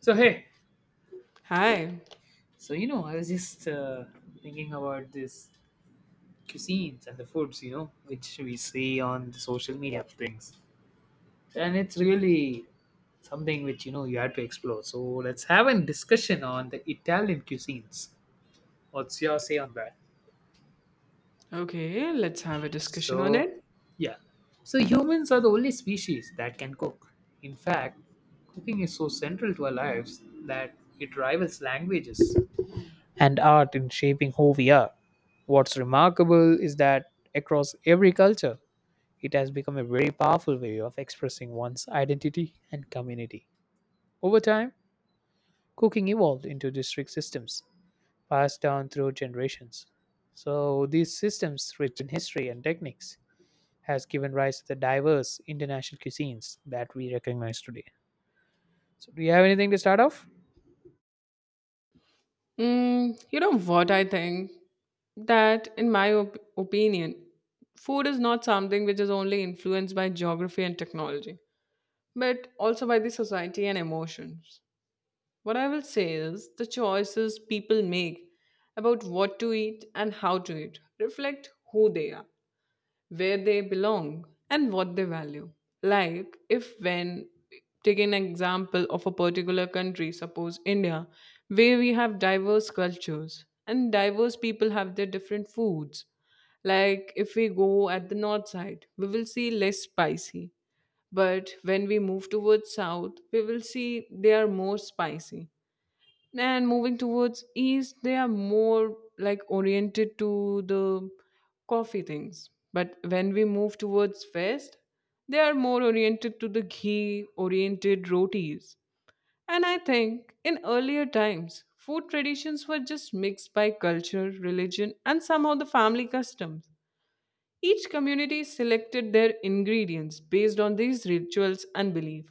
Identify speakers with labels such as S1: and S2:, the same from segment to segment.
S1: So hey,
S2: Hi.
S1: so I was just thinking about this cuisines and the foods, which we see on the social media things, and it's really something which you know you had to explore. So let's have a discussion on the Italian cuisines. What's your say on that?
S2: Okay, let's have a discussion on
S1: So,
S2: it.
S1: yeah, so humans are the only species that can cook. In fact, cooking is so central to our lives that it rivals languages and art in shaping who we are. What's remarkable is that across every culture, it has become a very powerful way of expressing one's identity and community. Over time, cooking evolved into district systems passed down through generations. So these systems, rich in history and techniques, has given rise to the diverse international cuisines that we recognize today. So do you have anything to start off?
S2: You know what I think? That, in my opinion, food is not something which is only influenced by geography and technology, but also by the society and emotions. What I will say is the choices people make about what to eat and how to eat reflect who they are, where they belong and what they value. Like, if when take an example of a particular country, suppose India, where we have diverse cultures and diverse people have their different foods. Like, if we go at the north side, we will see less spicy. But when we move towards south, we will see they are more spicy and moving towards east they are more like oriented to the coffee things, but when we move towards west they are more oriented to the ghee oriented rotis. And I think in earlier times food traditions were just mixed by culture, religion and somehow the family customs. Each community selected their ingredients based on these rituals and belief.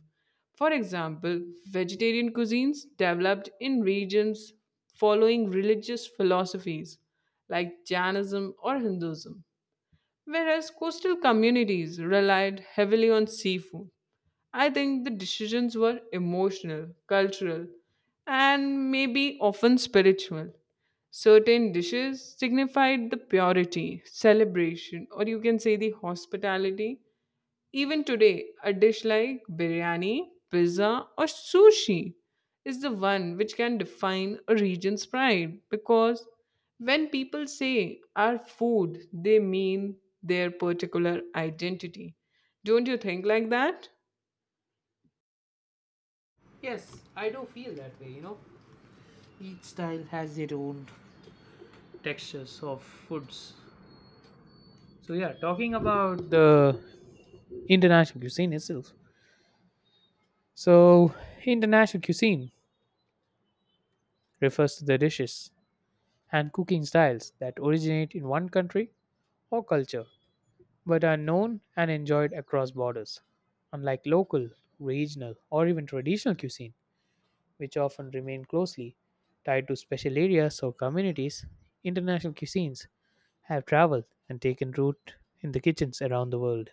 S2: For example, vegetarian cuisines developed in regions following religious philosophies like Jainism or Hinduism, whereas coastal communities relied heavily on seafood. I think the decisions were emotional, cultural, and maybe often spiritual. Certain dishes signified the purity, celebration, or you can say the hospitality. Even today, a dish like biryani, pizza, or sushi is the one which can define a region's pride because when people say our food, they mean their particular identity. Don't you think like that?
S1: Yes, I do feel that way. Each style has their own textures of foods. So yeah, talking about the international cuisine itself. So international cuisine refers to the dishes and cooking styles that originate in one country or culture but are known and enjoyed across borders. Unlike local, regional, or even traditional cuisine, which often remain closely tied to special areas or communities, international cuisines have traveled and taken root in the kitchens around the world.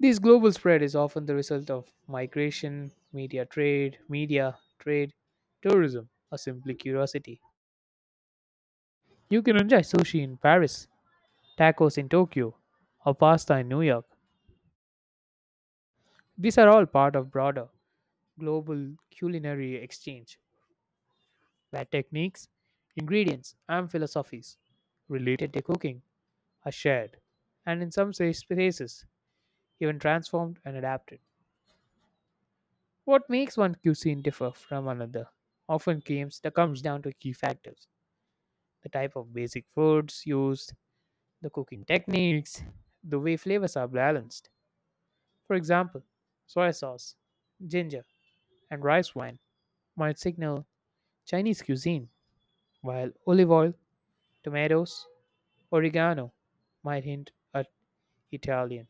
S1: This global spread is often the result of migration, media trade, tourism, or simply curiosity. You can enjoy sushi in Paris, tacos in Tokyo, or pasta in New York. These are all part of broader global culinary exchange, where techniques, ingredients, and philosophies related to cooking are shared, and in some spaces, even transformed and adapted. What makes one cuisine differ from another often comes down to key factors: the type of basic foods used, the cooking techniques, the way flavors are balanced. For example, soy sauce, ginger, and rice wine might signal Chinese cuisine, while olive oil, tomatoes, oregano might hint at Italian.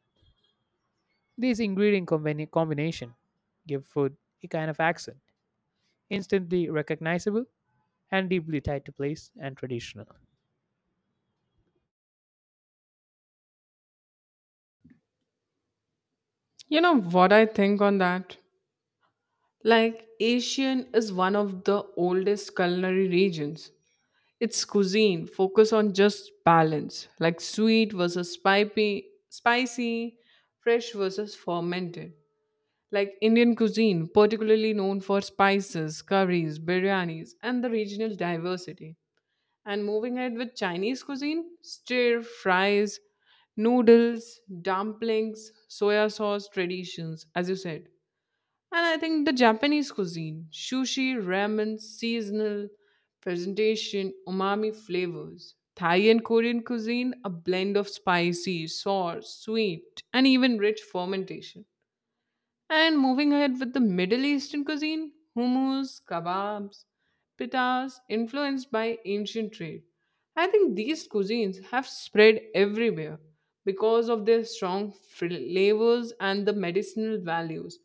S1: These ingredient combination give food a kind of accent, instantly recognizable and deeply tied to place and traditional.
S2: You know what I think on that? Like, Asian is one of the oldest culinary regions. Its cuisine focus on just balance, like sweet versus spicy, fresh versus fermented. Like Indian cuisine, particularly known for spices, curries, biryanis, and the regional diversity. And moving ahead with Chinese cuisine, stir fries, noodles, dumplings, soya sauce traditions, as you said. And I think the Japanese cuisine, sushi, ramen, seasonal presentation, umami flavors. Thai and Korean cuisine, a blend of spicy, sour, sweet, and even rich fermentation. And moving ahead with the Middle Eastern cuisine, hummus, kebabs, pitas, influenced by ancient trade. I think these cuisines have spread everywhere because of their strong flavors and the medicinal values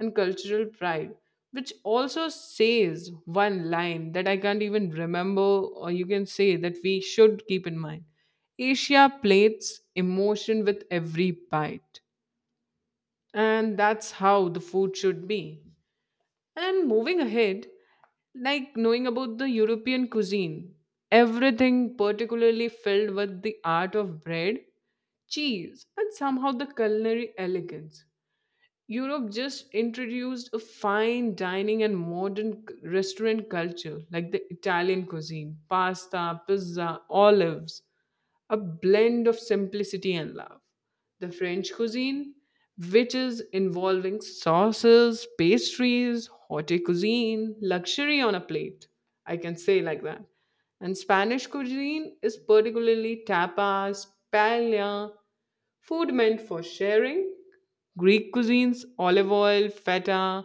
S2: and cultural pride, which also says one line that I can't even remember, or you can say that we should keep in mind. Asia plates emotion with every bite. And that's how the food should be. And moving ahead, like knowing about the European cuisine, everything particularly filled with the art of bread, cheese, and somehow the culinary elegance. Europe just introduced a fine dining and modern restaurant culture like the Italian cuisine, pasta, pizza, olives, a blend of simplicity and love. The French cuisine, which is involving sauces, pastries, haute cuisine, luxury on a plate. I can say like that. And Spanish cuisine is particularly tapas, paella, food meant for sharing. Greek cuisines, olive oil, feta,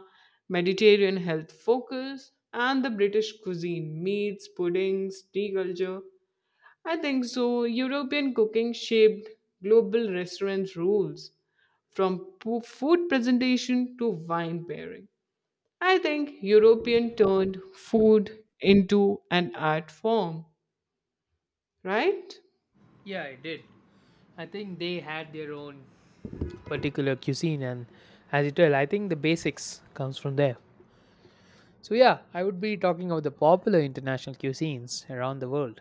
S2: Mediterranean health focus, and the British cuisine, meats, puddings, tea culture, I think so. European cooking shaped global restaurant rules, from food presentation to wine pairing. I think European turned food into an art form, right?
S1: Yeah, I did. I think they had their own particular cuisine, and as you tell, I think the basics comes from there. So yeah, I would be talking about the popular international cuisines around the world.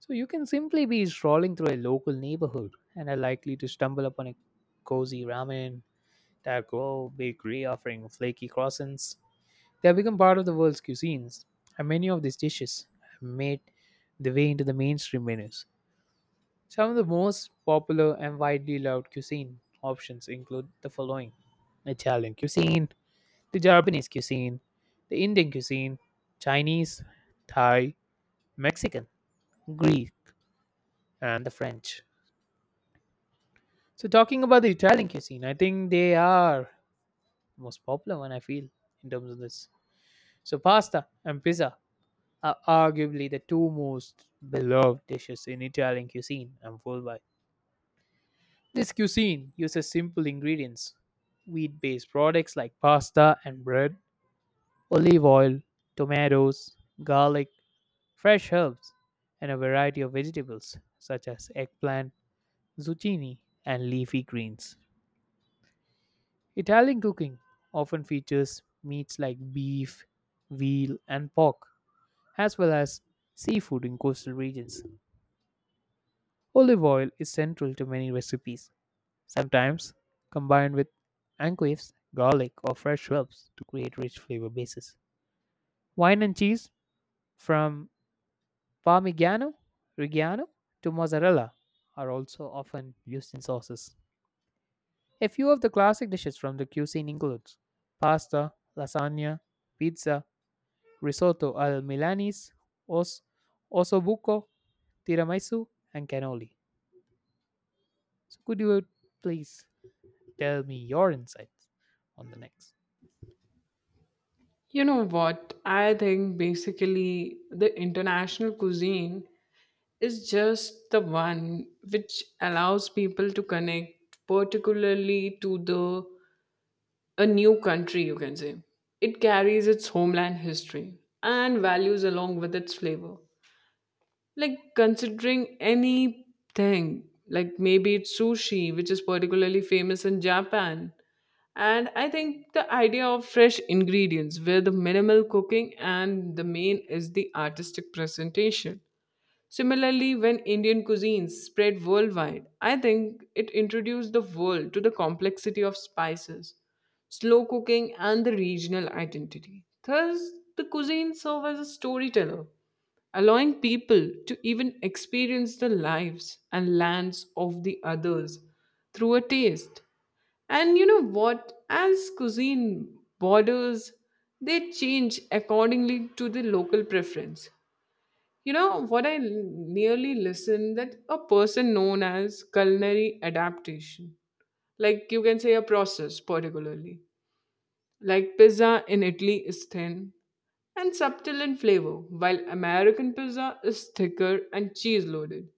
S1: So you can simply be strolling through a local neighborhood and are likely to stumble upon a cozy ramen, taco, bakery offering flaky croissants. They have become part of the world's cuisines, and many of these dishes have made their way into the mainstream menus. Some of the most popular and widely loved cuisine options include the following: Italian cuisine, the Japanese cuisine, the Indian cuisine, Chinese, Thai, Mexican, Greek, and the French. So, talking about the Italian cuisine, I think they are the most popular one I feel in terms of this. So, pasta and pizza are arguably the two most beloved dishes in Italian cuisine. I'm full by. This cuisine uses simple ingredients: wheat based products like pasta and bread, olive oil, tomatoes, garlic, fresh herbs, and a variety of vegetables such as eggplant, zucchini, and leafy greens. Italian cooking often features meats like beef, veal, and pork, as well as seafood in coastal regions. Olive oil is central to many recipes, sometimes combined with anchovies, garlic, or fresh herbs to create rich flavor bases. Wine and cheese from Parmigiano, Reggiano to mozzarella are also often used in sauces. A few of the classic dishes from the cuisine includes pasta, lasagna, pizza, risotto al milanese, os, ossobuco, tiramisu, and cannoli. So could you please tell me your insights on the next?
S2: You know what? I think basically the international cuisine is just the one which allows people to connect, particularly to the a new country, you can say. It carries its homeland history and values along with its flavor. Like considering anything, like maybe it's sushi, which is particularly famous in Japan. And I think the idea of fresh ingredients, where the minimal cooking and the main is the artistic presentation. Similarly, when Indian cuisines spread worldwide, I think it introduced the world to the complexity of spices, slow cooking, and the regional identity. Thus, the cuisine serves as a storyteller, allowing people to even experience the lives and lands of the others through a taste. And you know what? As cuisine borders, they change accordingly to the local preference. You know what I nearly listened that a person known as culinary adaptation, like you can say a process particularly, like pizza in Italy is thin and subtle in flavor, while American pizza is thicker and cheese loaded.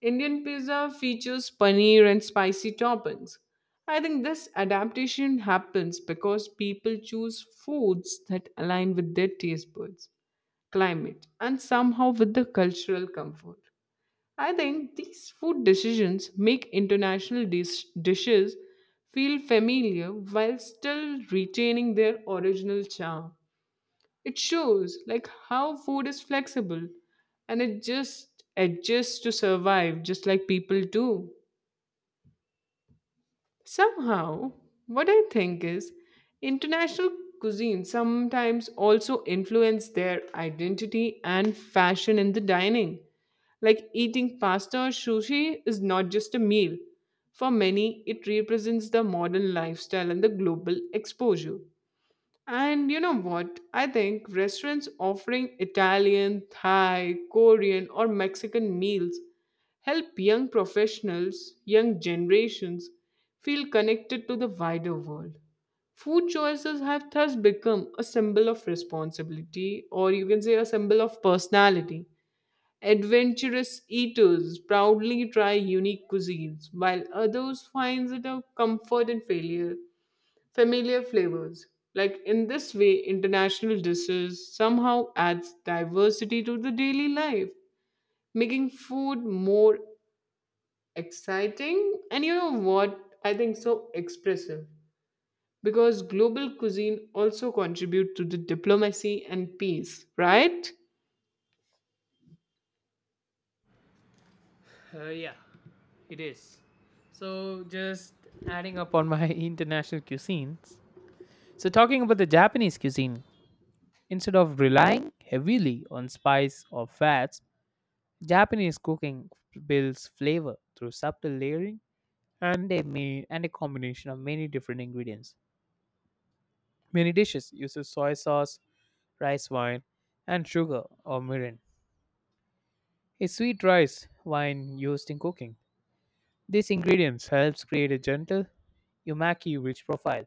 S2: Indian pizza features paneer and spicy toppings. I think this adaptation happens because people choose foods that align with their taste buds, climate, and somehow with the cultural comfort. I think these food decisions make international dishes feel familiar while still retaining their original charm. It shows like how food is flexible and it just adjusts to survive just like people do. Somehow, what I think is international cuisine sometimes also influence their identity and fashion in the dining. Like eating pasta or sushi is not just a meal. For many, it represents the modern lifestyle and the global exposure. And you know what? I think restaurants offering Italian, Thai, Korean, or Mexican meals help young professionals, young generations feel connected to the wider world. Food choices have thus become a symbol of responsibility, or you can say a symbol of personality. Adventurous eaters proudly try unique cuisines, while others find it a comfort in failure, familiar flavors. Like in this way, international dishes somehow adds diversity to the daily life, making food more exciting and you know what? I think so expressive. Because global cuisine also contribute to the diplomacy and peace, right?
S1: Yeah, it is. So, just adding up on my international cuisines. So, talking about the Japanese cuisine, instead of relying heavily on spice or fats, Japanese cooking builds flavor through subtle layering and a combination of many different ingredients. Many dishes uses soy sauce, rice wine, and sugar or mirin, a sweet rice wine used in cooking. These ingredients helps create a gentle umaki rich profile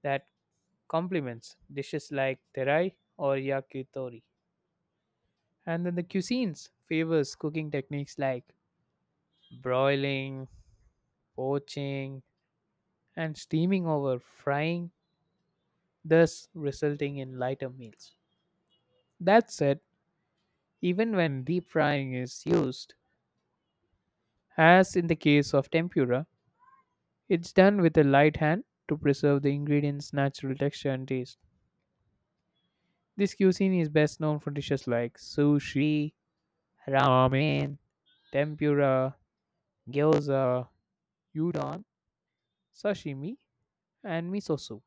S1: that complements dishes like terai or yakitori. And then the cuisines favors cooking techniques like broiling, poaching, and steaming over frying, thus resulting in lighter meals. That said, even when deep frying is used, as in the case of tempura, it's done with a light hand to preserve the ingredients' natural texture and taste. This cuisine is best known for dishes like sushi, ramen, tempura, gyoza, udon, sashimi, and miso soup.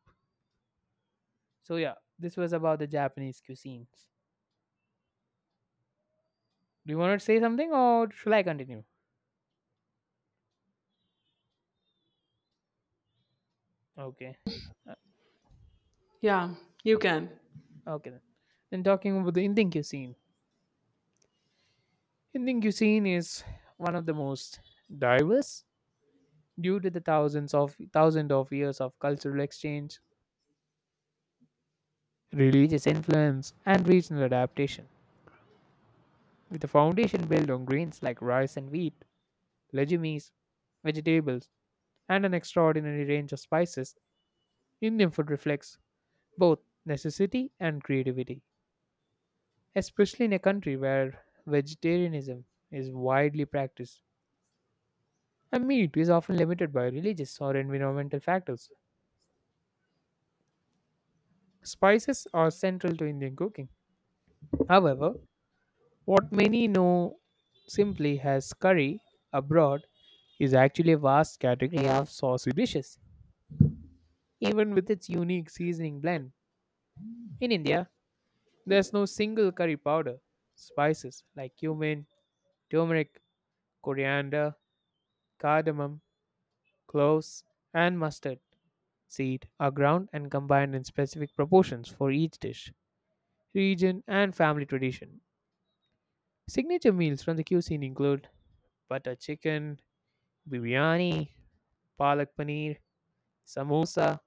S1: So yeah, this was about the Japanese cuisines. Do you want to say something or shall I continue? Okay. Uh,
S2: Yeah, you can.
S1: Okay then. Then talking about the Indian cuisine. Indian cuisine is one of the most diverse due to the thousands of years of cultural exchange, religious influence, and regional adaptation. With a foundation built on grains like rice and wheat, legumes, vegetables, and an extraordinary range of spices, Indian food reflects both necessity and creativity, especially in a country where vegetarianism is widely practiced and meat is often limited by religious or environmental factors. Spices are central to Indian cooking. However, what many know simply as curry abroad is actually a vast category of saucy dishes, even with its unique seasoning blend. In India, there's no single curry powder. Spices like cumin, turmeric, coriander, cardamom, cloves, and mustard seed are ground and combined in specific proportions for each dish, region, and family tradition. Signature meals from the cuisine include butter chicken, biryani, palak paneer, samosa,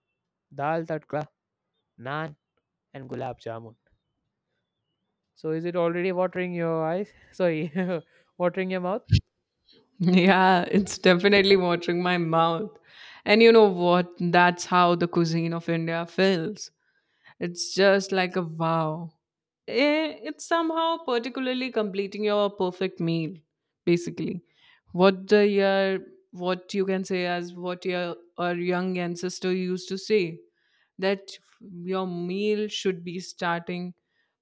S1: dal tadka, naan, and gulab jamun. So, is it already watering your eyes? Sorry, watering your mouth?
S2: Yeah, it's definitely watering my mouth. And you know what? That's how the cuisine of India feels. It's just like a wow. Eh, it's somehow particularly completing your perfect meal, basically. What the year, what you can say as what your our young ancestor used to say, that your meal should be starting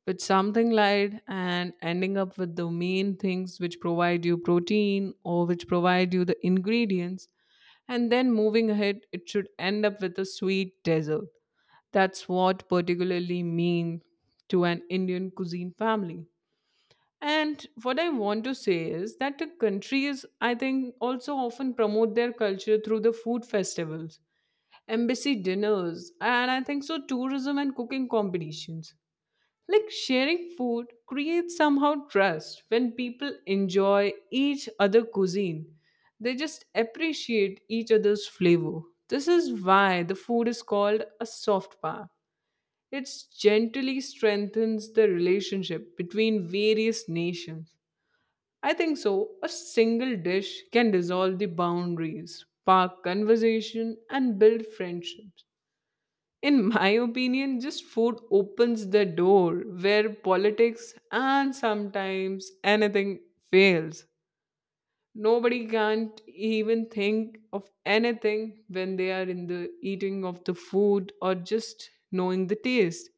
S2: with something light and ending up with the main things which provide you protein or which provide you the ingredients, and then moving ahead, it should end up with a sweet dessert. That's what particularly mean to an Indian cuisine family. And what I want to say is that the countries, I think, also often promote their culture through the food festivals, embassy dinners, and I think so tourism and cooking competitions. Like sharing food creates somehow trust when people enjoy each other cuisine. They just appreciate each other's flavor. This is why the food is called a soft power. It gently strengthens the relationship between various nations. I think so. A single dish can dissolve the boundaries, spark conversation, and build friendships. In my opinion, just food opens the door where politics and sometimes anything fails. Nobody can't even think of anything when they are in the eating of the food or just knowing the taste.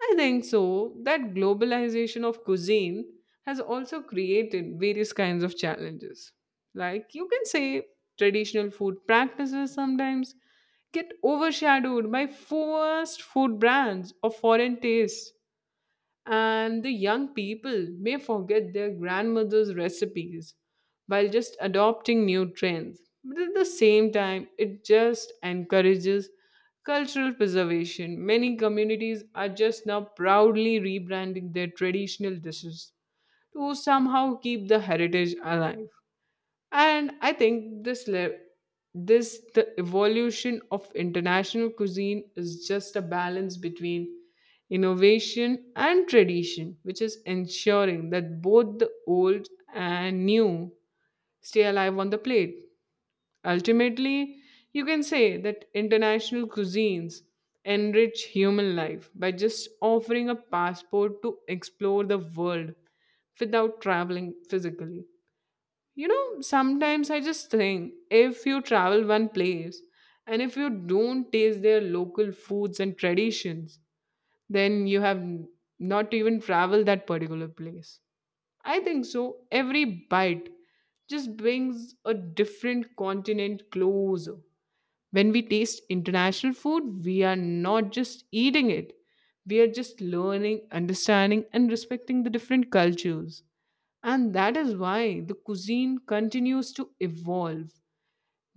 S2: I think so. That globalization of cuisine has also created various kinds of challenges. Like you can say, traditional food practices sometimes get overshadowed by fast food brands of foreign tastes, and the young people may forget their grandmother's recipes while just adopting new trends. But at the same time, it just encourages cultural preservation. Many communities are just now proudly rebranding their traditional dishes to somehow keep the heritage alive. And I think this the evolution of international cuisine is just a balance between innovation and tradition, which is ensuring that both the old and new stay alive on the plate. Ultimately, you can say that international cuisines enrich human life by just offering a passport to explore the world without traveling physically. You know, sometimes I just think if you travel one place and if you don't taste their local foods and traditions, then you have not even traveled that particular place. I think so. Every bite just brings a different continent closer. When we taste international food, we are not just eating it, we are just learning, understanding, and respecting the different cultures. And that is why the cuisine continues to evolve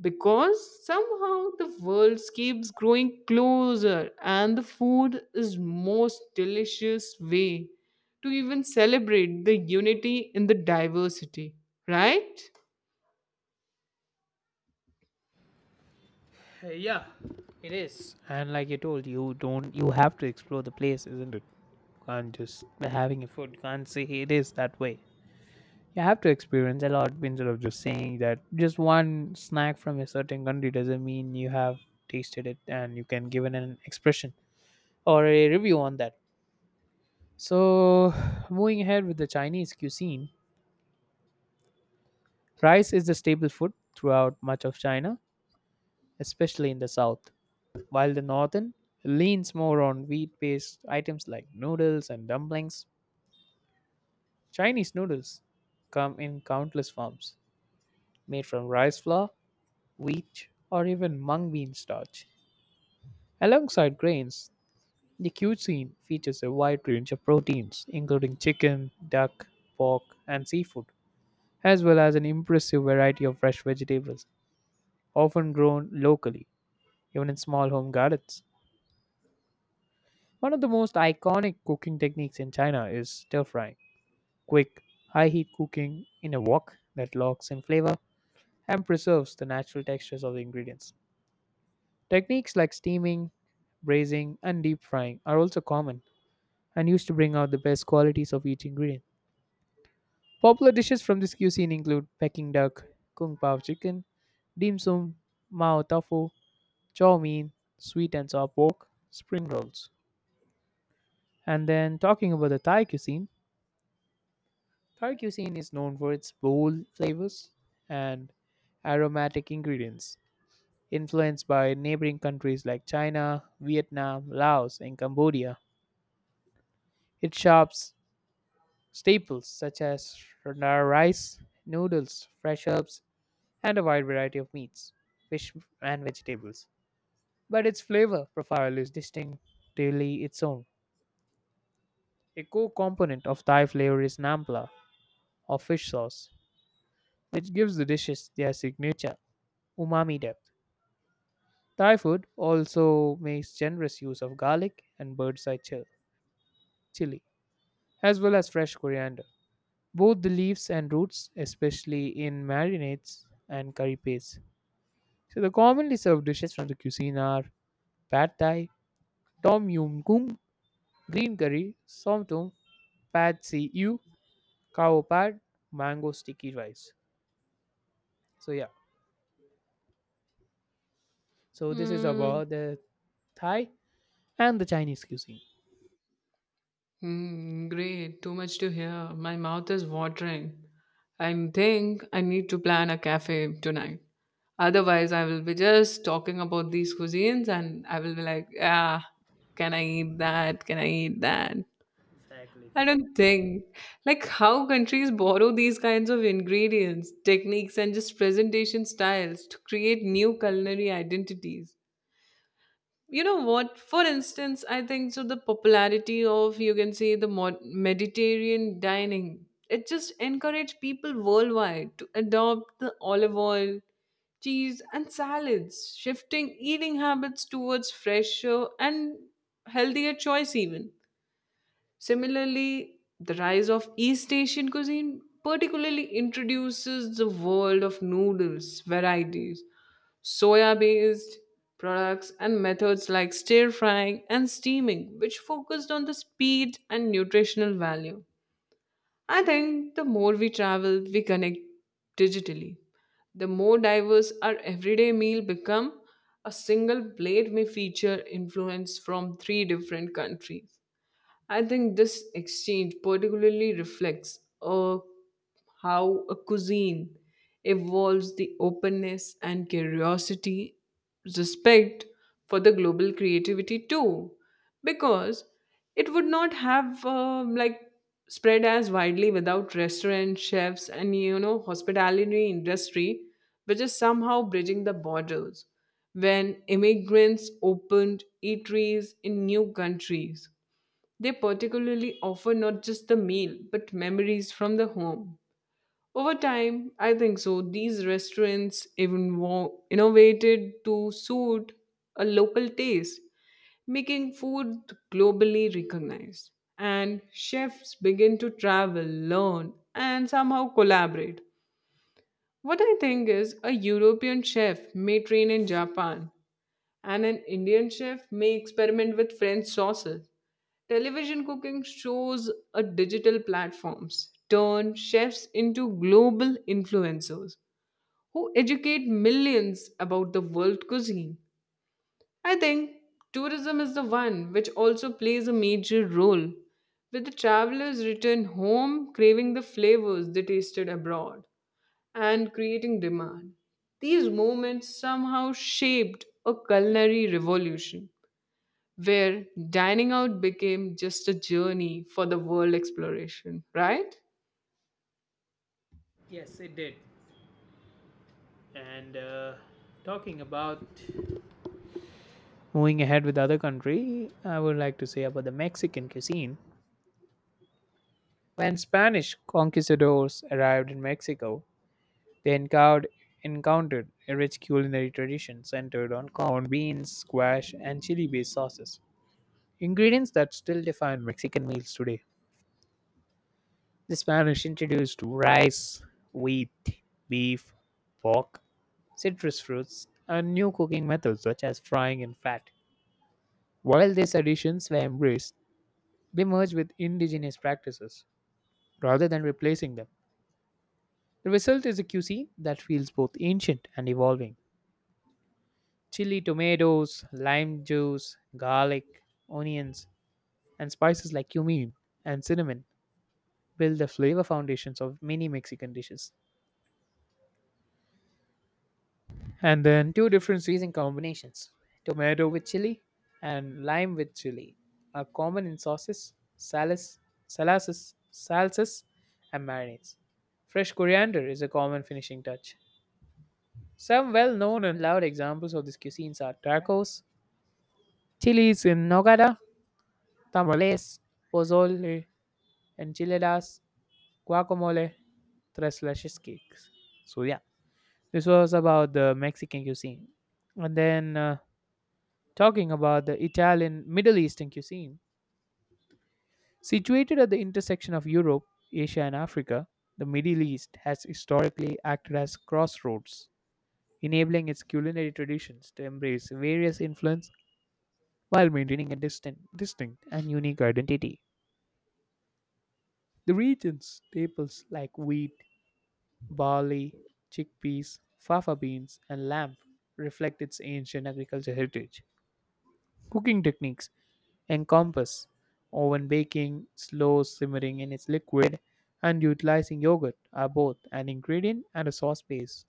S2: because somehow the world keeps growing closer and the food is most delicious way to even celebrate the unity in the diversity, right?
S1: Yeah, it is. And like I told you, don't you have to explore the place, isn't it? Can't just having a food. Can't say, "Hey, it is that way. You have to experience a lot instead of just saying that just one snack from a certain country doesn't mean you have tasted it and you can give it an expression or a review on that." So, moving ahead with the Chinese cuisine, rice is the staple food throughout much of China, especially in the south, while the northern leans more on wheat-based items like noodles and dumplings. Chinese noodles come in countless forms, made from rice flour, wheat, or even mung bean starch. Alongside grains, the cuisine features a wide range of proteins, including chicken, duck, pork, and seafood, as well as an impressive variety of fresh vegetables, often grown locally, even in small home gardens. One of the most iconic cooking techniques in China is stir frying. Quick, high heat cooking in a wok that locks in flavor and preserves the natural textures of the ingredients. Techniques like steaming, braising, and deep frying are also common and used to bring out the best qualities of each ingredient. Popular dishes from this cuisine include Peking duck, kung pao chicken, dim sum, mao tofu, chow mein, sweet and sour pork, spring rolls. And then talking about the Thai cuisine is known for its bold flavors and aromatic ingredients, influenced by neighboring countries like China, Vietnam, Laos, and Cambodia. It shops staples such as rice, noodles, fresh herbs, and a wide variety of meats, fish, and vegetables. But its flavor profile is distinctively its own. A core component of Thai flavor is nampla, or fish sauce, which gives the dishes their signature umami depth. Thai food also makes generous use of garlic and bird's eye chili, as well as fresh coriander, both the leaves and roots, especially in marinades and curry pastes. So, the commonly served dishes from the cuisine are pad thai, tom yum goong, green curry, somtum, pad see ew, cow pad, mango sticky rice. So, yeah, so this is
S2: Hmm.
S1: about the Thai and the Chinese cuisine.
S2: Hmm, great. Too much to hear. My mouth is watering. I think I need to plan a cafe tonight. Otherwise, I will be just talking about these cuisines and I will be like, ah, can I eat that? Can I eat that? I don't think. Like, how countries borrow these kinds of ingredients, techniques, and just presentation styles to create new culinary identities. You know what, for instance, I think so the popularity of you can say the Mediterranean dining, it just encouraged people worldwide to adopt the olive oil, cheese and salads, shifting eating habits towards fresher and healthier choice. Even similarly, the rise of East Asian cuisine particularly introduces the world of noodles varieties, soya based products and methods like stir frying and steaming, which focused on the speed and nutritional value. I think the more we travel, we connect digitally. The more diverse our everyday meal become, a single plate may feature influence from three different countries. I think this exchange particularly reflects how a cuisine evolves the openness and curiosity, respect for the global creativity too, because it would not have like spread as widely without restaurant chefs and you know hospitality industry, which is somehow bridging the borders when immigrants opened eateries in new countries. They particularly offer not just the meal, but memories from the home. Over time, I think so, these restaurants even innovated to suit a local taste, making food globally recognized. And chefs begin to travel, learn, and somehow collaborate. What I think is a European chef may train in Japan, and an Indian chef may experiment with French sauces. Television cooking shows a digital platforms turn chefs into global influencers who educate millions about the world cuisine. I think tourism is the one which also plays a major role, with the travelers return home craving the flavors they tasted abroad and creating demand. These moments somehow shaped a culinary revolution where dining out became just a journey for the world exploration, right?
S1: Yes, it did. And talking about Moving ahead with other country, I would like to say about the Mexican cuisine. When Spanish conquistadors arrived in Mexico, they encountered a rich culinary tradition centered on corn, beans, squash, and chili-based sauces, ingredients that still define Mexican meals today. The Spanish introduced rice, wheat, beef, pork, citrus fruits, and new cooking methods such as frying in fat. While these additions were embraced, they merge with indigenous practices rather than replacing them. The result is a cuisine that feels both ancient and evolving. Chili, tomatoes, lime juice, garlic, onions, and spices like cumin and cinnamon build the flavor foundations of many Mexican dishes. And then two different seasoning combinations: tomato with chili and lime with chili are common in sauces, salads, salsas, and marinades. Fresh coriander is a common finishing touch. Some well known and loud examples of these cuisines are tacos, chilies in nogada, tamales, pozole, enchiladas, guacamole, tres leches cakes. So, yeah, this was about the Mexican cuisine. And then talking about the Italian Middle Eastern cuisine. Situated at the intersection of Europe, Asia, and Africa, the Middle East has historically acted as crossroads, enabling its culinary traditions to embrace various influence while maintaining a distinct and unique identity. The region's staples like wheat, barley, chickpeas, fava beans, and lamb reflect its ancient agricultural heritage. Cooking techniques encompass oven baking, slow simmering in its liquid, and utilizing yogurt are both an ingredient and a sauce base.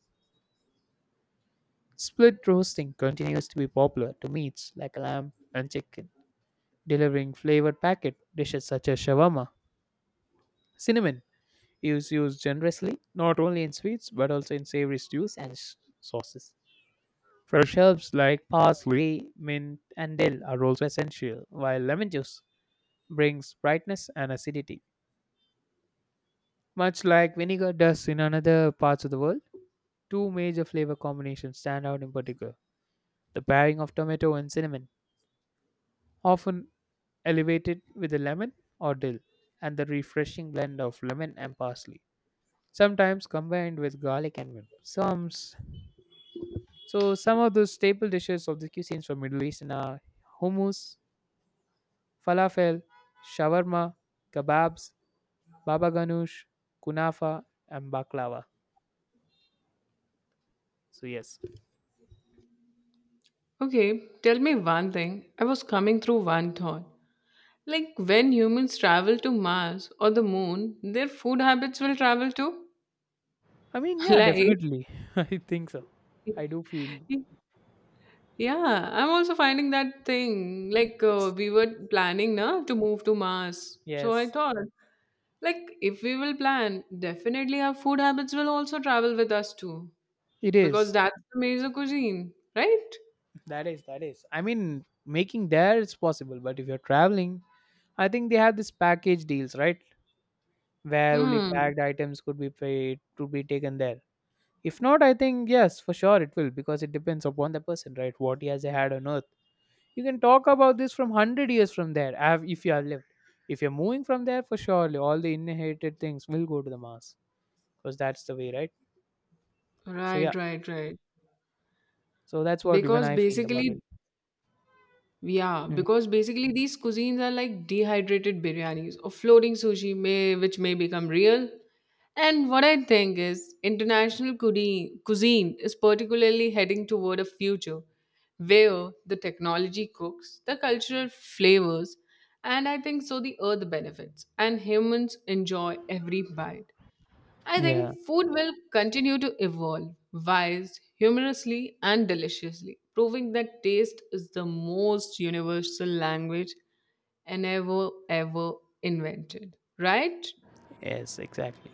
S1: Split roasting continues to be popular to meats like lamb and chicken, delivering flavored packet dishes such as shawarma. Cinnamon is used generously not only in sweets but also in savory stews and sauces. Fresh herbs like parsley, mint, and dill are also essential, while lemon juice brings brightness and acidity. Much like vinegar does in other parts of the world, two major flavor combinations stand out in particular: the pairing of tomato and cinnamon, often elevated with a lemon or dill, and the refreshing blend of lemon and parsley, sometimes combined with garlic and mint. Some So some of those staple dishes of the cuisines from Middle East are hummus, falafel, shawarma, kebabs, baba ganoush, kunafa, and baklava. So yes,
S2: Okay, tell me one thing. I was coming through one thought. Like when humans travel to Mars or the moon, their food habits will travel too.
S1: I mean yeah,
S2: Like
S1: definitely, I think so. I do feel
S2: yeah, I'm also finding that thing. Like
S1: it's
S2: we were planning na to move to Mars. So I
S1: yes,
S2: thought like if we will plan, definitely our food habits will also travel with us too.
S1: it
S2: Because
S1: is.
S2: that's the major cuisine, right?
S1: That is. I mean, making there it's possible, but if you're traveling, I think they have this package deals, right? Where only
S2: Hmm.
S1: packed items could be paid to be taken there. If not, I think yes, for sure it will because it depends upon the person, right? What he has had on earth. You can talk about this from 100 years from there. Have if you are lived, if you're moving from there, for surely all the inherited things will go to the Mars because that's the way, right? So yeah,
S2: Right.
S1: so that's what even
S2: Because
S1: I feel about
S2: basically,
S1: it.
S2: yeah,
S1: Mhm.
S2: because basically these cuisines are like dehydrated biryanis or floating sushi may which may become real. And what I think is international cuisine is particularly heading toward a future where the technology cooks, the cultural flavors, and I think so the earth benefits, and humans enjoy every bite. I
S1: Yeah.
S2: think food will continue to evolve, wise, humorously, and deliciously, proving that taste is the most universal language and ever invented. Right?
S1: Yes. Exactly.